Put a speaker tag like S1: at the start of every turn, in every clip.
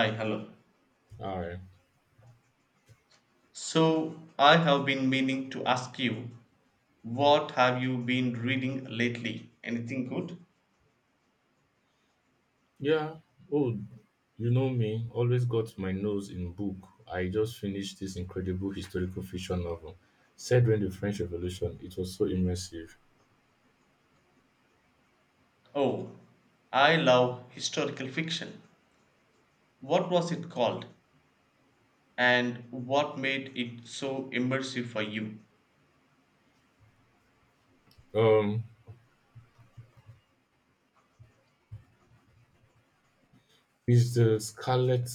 S1: Hi, hello.
S2: All right.
S1: So, I have been meaning to ask you, what have you been reading lately? Anything good?
S2: Yeah. Oh, you know me. Always got my nose in book. I just finished this incredible historical fiction novel set during the French Revolution. It was so immersive.
S1: Oh, I love historical fiction. What was it called? And what made it so immersive for you?
S2: Um, is the Scarlet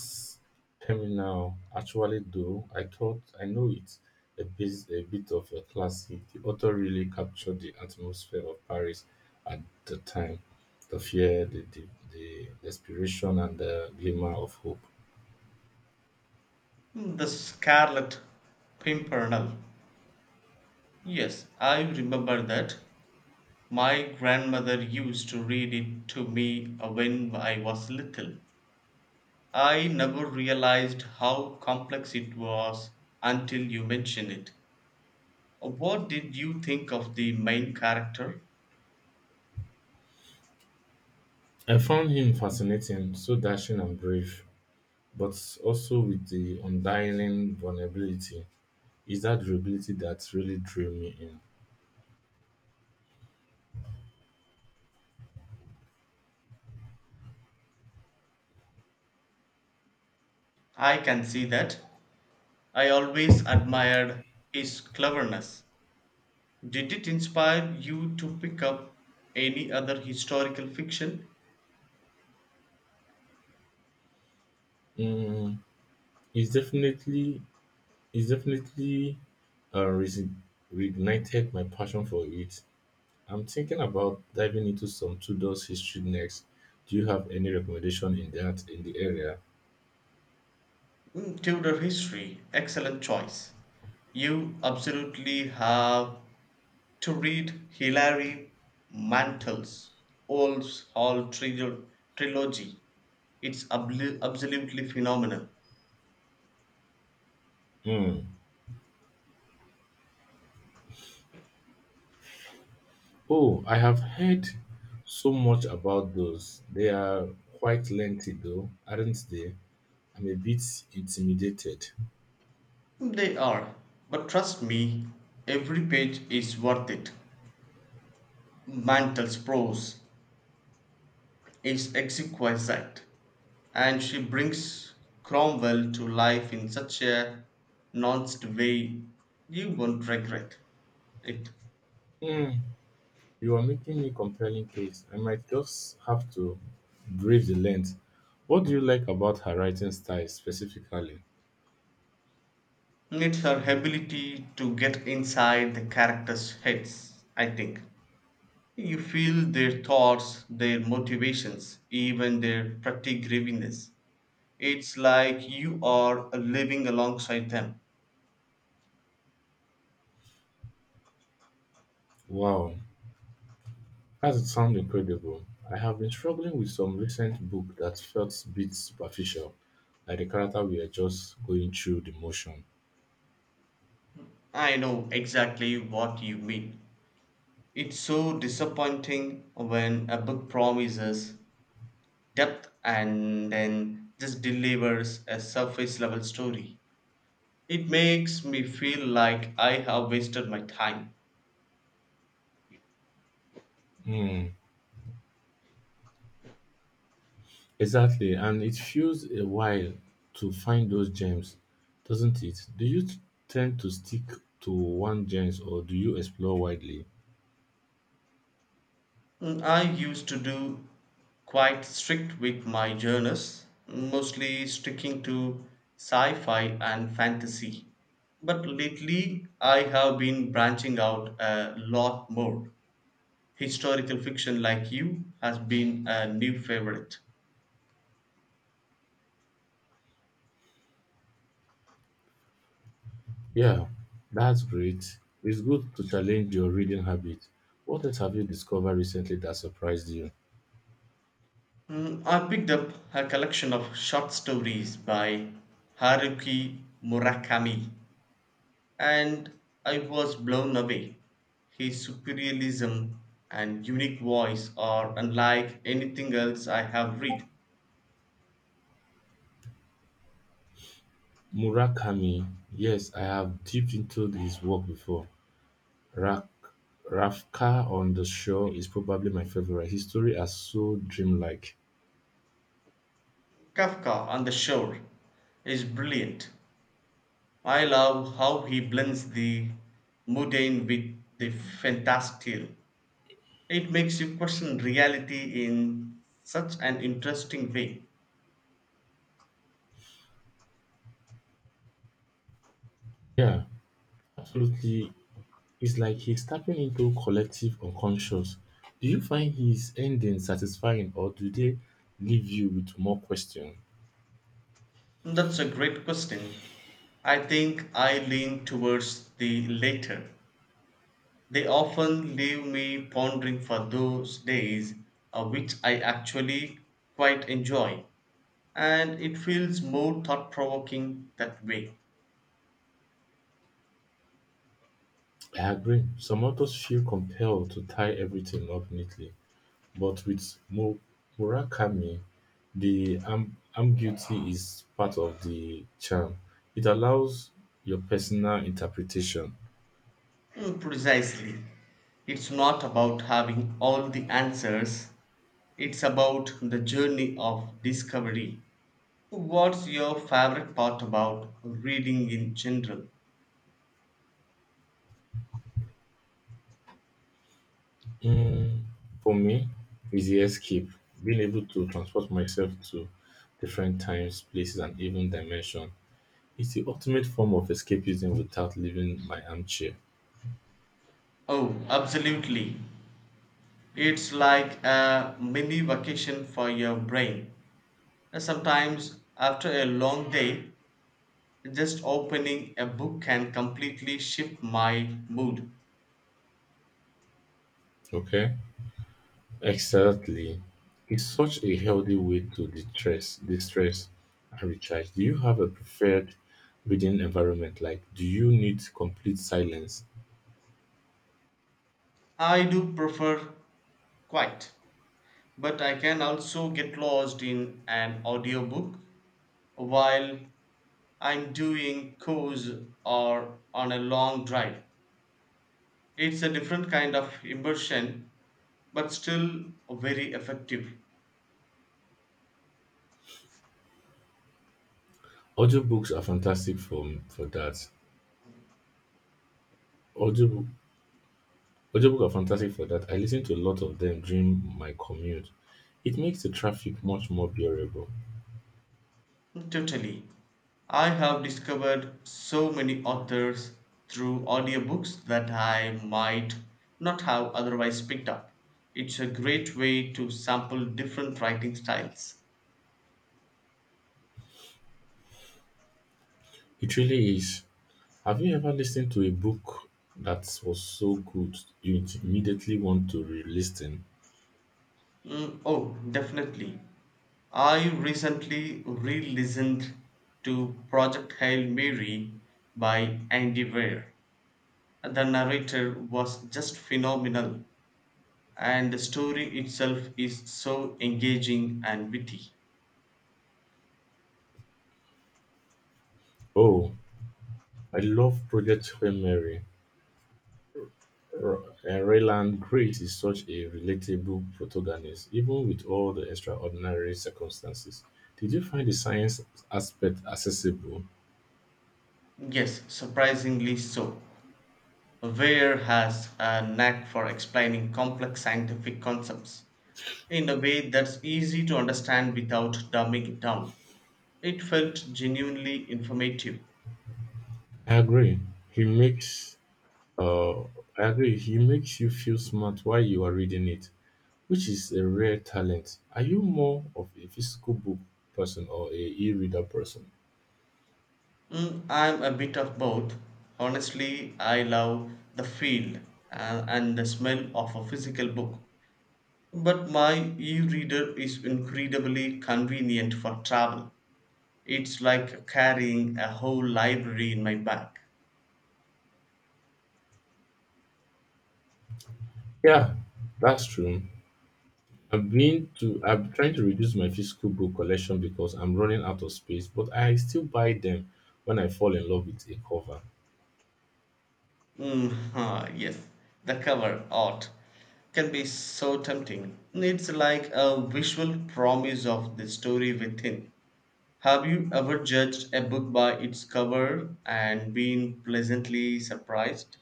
S2: Terminal actually though? I thought I know it. A bit of a classic. The author really captured the atmosphere of Paris at the time, the fear, the desperation, and the glimmer of hope.
S1: Hmm, The Scarlet Pimpernel. Yes, I remember that. My grandmother used to read it to me when I was little. I never realized how complex it was until you mentioned it. What did you think of the main character?
S2: I found him fascinating, so dashing and brave, but also with the undying vulnerability. Is that durability that really drew me
S1: I can see that. I always admired his cleverness. Did it inspire you to pick up any other historical fiction?
S2: in. It's definitely, it's definitely uh, resi- reignited my passion for it. I'm thinking about diving into some Tudor's history next. Do you have any recommendation in the area?
S1: Mm, Tudor history, excellent choice. You absolutely have to read Hilary Mantel's Wolves Hall trilogy. It's absolutely phenomenal.
S2: Mm. Oh, I have heard so much about those. They are quite lengthy, though, aren't they? I'm a bit intimidated.
S1: They are, but trust me, every page is worth it. Mantel's prose is exquisite, and she brings Cromwell to life in such a nuanced way you won't regret it.
S2: Hmm. You are making a compelling case. I might just have to brave the length. What do you like about her writing style specifically?
S1: It's her ability to get inside the characters' heads, I think. You feel their thoughts, their motivations, even their petty grievances. It's like you are living alongside them.
S2: Wow, that sounds incredible. I have been struggling with some recent book that felt a bit superficial, like the character we are just going through the motion.
S1: I know exactly what you mean. It's so disappointing when a book promises depth and then just delivers a surface level story. It makes me feel like I have wasted my time.
S2: Hmm. Exactly, and it feels a while to find those gems, doesn't it? Do you tend to stick to one gems or do you explore widely?
S1: Mm, I used to do quite strict with my journals, mostly sticking to sci fi and fantasy. But lately, I have been branching out a lot more. Historical fiction, like you, has been a new favorite.
S2: Yeah, that's great. It's good to challenge your reading habit. What else have you discovered recently that surprised you?
S1: Mm, I picked up a collection of short stories by Haruki Murakami and I was blown away. His surrealism and unique voice are unlike anything else I have read.
S2: Murakami. Yes, I have dipped into his work before. Rak- Rafka on the Shore is probably my favorite. His story are so dreamlike.
S1: Kafka on the Shore is brilliant. I love how he blends the mundane with the fantastical. It makes you question reality in such an interesting way.
S2: Yeah, absolutely. It's like he's tapping into collective unconscious. Do you find his endings satisfying or do they leave you with more questions?
S1: That's a great question. I think I lean towards the latter. They often leave me pondering for those days, which I actually quite enjoy, and it feels more thought provoking that way.
S2: I agree. Some authors feel compelled to tie everything up neatly, but with Murakami, the ambiguity is part of the charm. It allows your personal interpretation.
S1: Mm, precisely. It's not about having all the answers, it's about the journey of discovery. What's your favorite part about reading in general?
S2: Mm, for me, it's the escape. Being able to transport myself to different times, places, and even dimension. It's the ultimate form of escapism without leaving my armchair.
S1: Oh, absolutely. It's like a mini vacation for your brain. And sometimes, after a long day, just opening a book can completely shift my mood.
S2: Okay? Exactly. It's such a healthy way to distress and recharge. Do you have a preferred reading environment? Like, do you need complete silence?
S1: I do prefer quiet, but I can also get lost in an audiobook while I'm doing chores or on a long drive. It's a different kind of immersion, but still very effective.
S2: Audiobooks are fantastic for that. Audio, Audiobook are fantastic for that. I listen to a lot of them during my commute. It makes the traffic much more bearable.
S1: Totally. I have discovered so many authors through audiobooks that I might not have otherwise picked up. It's a great way to sample different writing styles.
S2: It really is. Have you ever listened to a book that was so good you immediately want to re-listen?
S1: Mm, oh, definitely. I recently re listened to Project Hail Mary by Andy Weir. The narrator was just phenomenal, and the story itself is so engaging and witty.
S2: Oh, I love Project Hail Mary. Rayland Grace is such a relatable protagonist, even with all the extraordinary circumstances. Did you find the science aspect accessible?
S1: Yes, surprisingly so. Ware has a knack for explaining complex scientific concepts in a way that's easy to understand without dumbing it down. It felt genuinely informative.
S2: I agree. He makes Uh, I agree. He makes you feel smart while you are reading it, which is a rare talent. Are you more of a physical book person or a e-reader person?
S1: Mm, I'm a bit of both. Honestly, I love the feel and the smell of a physical book, but my e reader is incredibly convenient for travel. It's like carrying a whole library in my bag.
S2: Yeah, that's true. I'm trying to reduce my physical book collection because I'm running out of space, but I still buy them when I fall in love with a cover.
S1: Mm, huh, yes, the cover art can be so tempting. It's like a visual promise of the story within. Have you ever judged a book by its cover and been pleasantly surprised?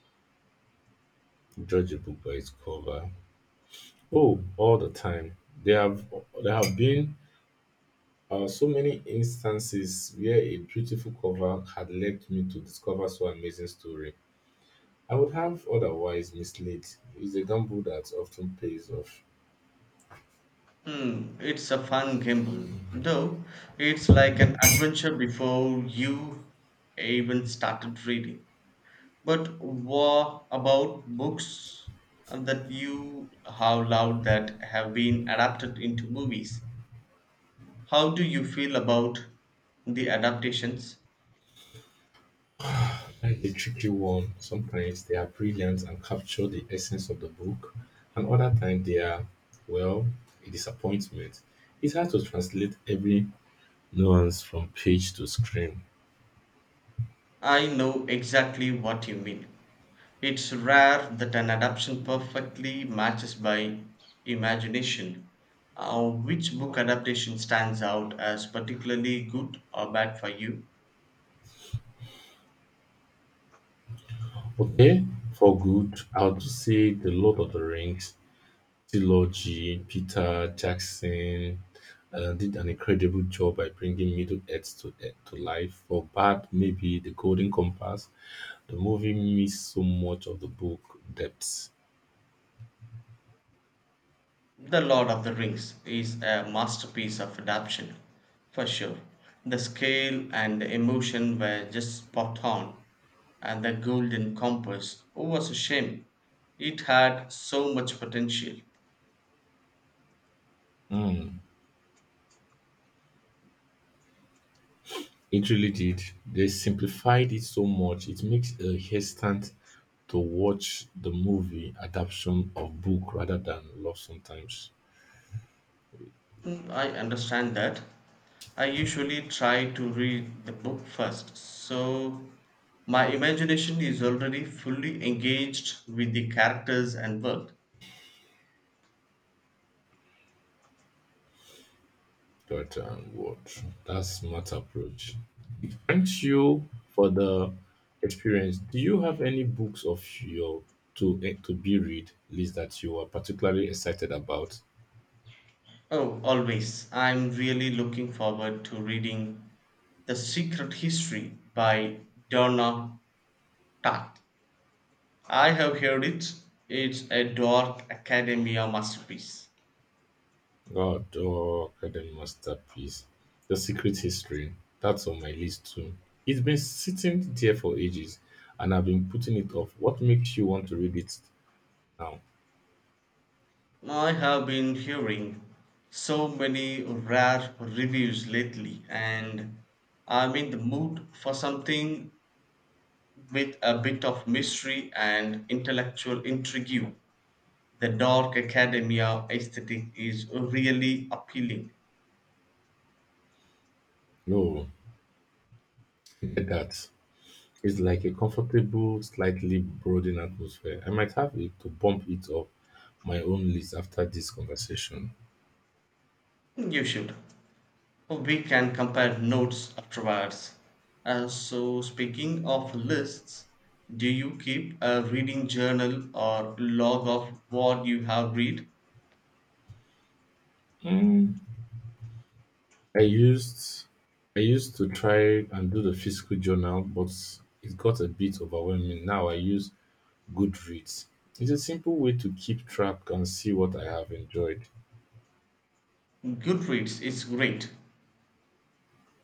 S2: Judge a book by its cover. Oh, all the time. There have there have been so many instances where a beautiful cover had led me to discover so amazing story. I would have otherwise misled. It's a gamble that often pays off.
S1: Hmm, it's a fun gamble, though it's like an adventure before you even started reading. But what about books that you have loved that have been adapted into movies? How do you feel about the adaptations?
S2: Like a tricky one. Sometimes they are brilliant and capture the essence of the book, and other times they are, well, a disappointment. It's hard to translate every nuance from page to screen.
S1: I know exactly what you mean. It's rare that an adaptation perfectly matches by imagination. Which book adaptation stands out as particularly good or bad for you?
S2: Okay, for good, I'll just say The Lord of the Rings, t Peter Jackson did an incredible job by bringing Middle Earth to life. For bad, maybe The Golden Compass, the movie missed so much of the book depth.
S1: The Lord of the Rings is a masterpiece of adaptation, for sure. The scale and the emotion were just spot on, and the Golden Compass was a shame. It had so much potential.
S2: Mm, it really did. They simplified it so much. It makes a hesitant to watch the movie adaptation of book rather than love sometimes.
S1: Hmm, I understand that. I usually try to read the book first, so my imagination is already fully engaged with the characters and world.
S2: But what? That's smart approach. Thanks you for the experience. Do you have any books of your to be read list that you are particularly excited about?
S1: Oh, always. I'm really looking forward to reading The Secret History by Donna Tartt. I have heard it. It's a dark academia masterpiece.
S2: God, oh, Academy masterpiece, The Secret History. That's on my list too. It's been sitting there for ages, and I've been putting it off. What makes you want to read it now?
S1: I have been hearing so many rare reviews lately, and I'm in the mood for something with a bit of mystery and intellectual intrigue. The dark academia aesthetic is really appealing.
S2: No, get that. It's like a comfortable, slightly brooding atmosphere. I might have it to bump it up my own list after this conversation.
S1: You should. Well, we can compare notes afterwards. So, speaking of lists, do you keep a reading journal or log of what you have read?
S2: Mm, I used I used to try and do the physical journal, but it got a bit overwhelming. Now I use Goodreads. It's a simple way to keep track and see what I have enjoyed.
S1: Goodreads is great.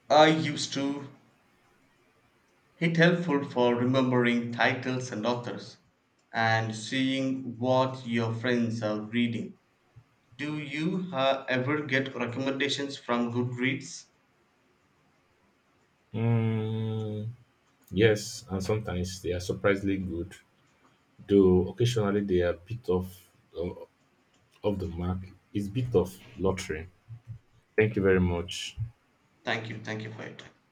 S1: I used to. It helpful for remembering titles and authors and seeing what your friends are reading. Do you ever get recommendations from Goodreads?
S2: Mm, yes, and sometimes they are surprisingly good, though occasionally they are a bit off uh, off the mark. It's a bit of lottery. Thank you very much.
S1: Thank you. Thank you for your time.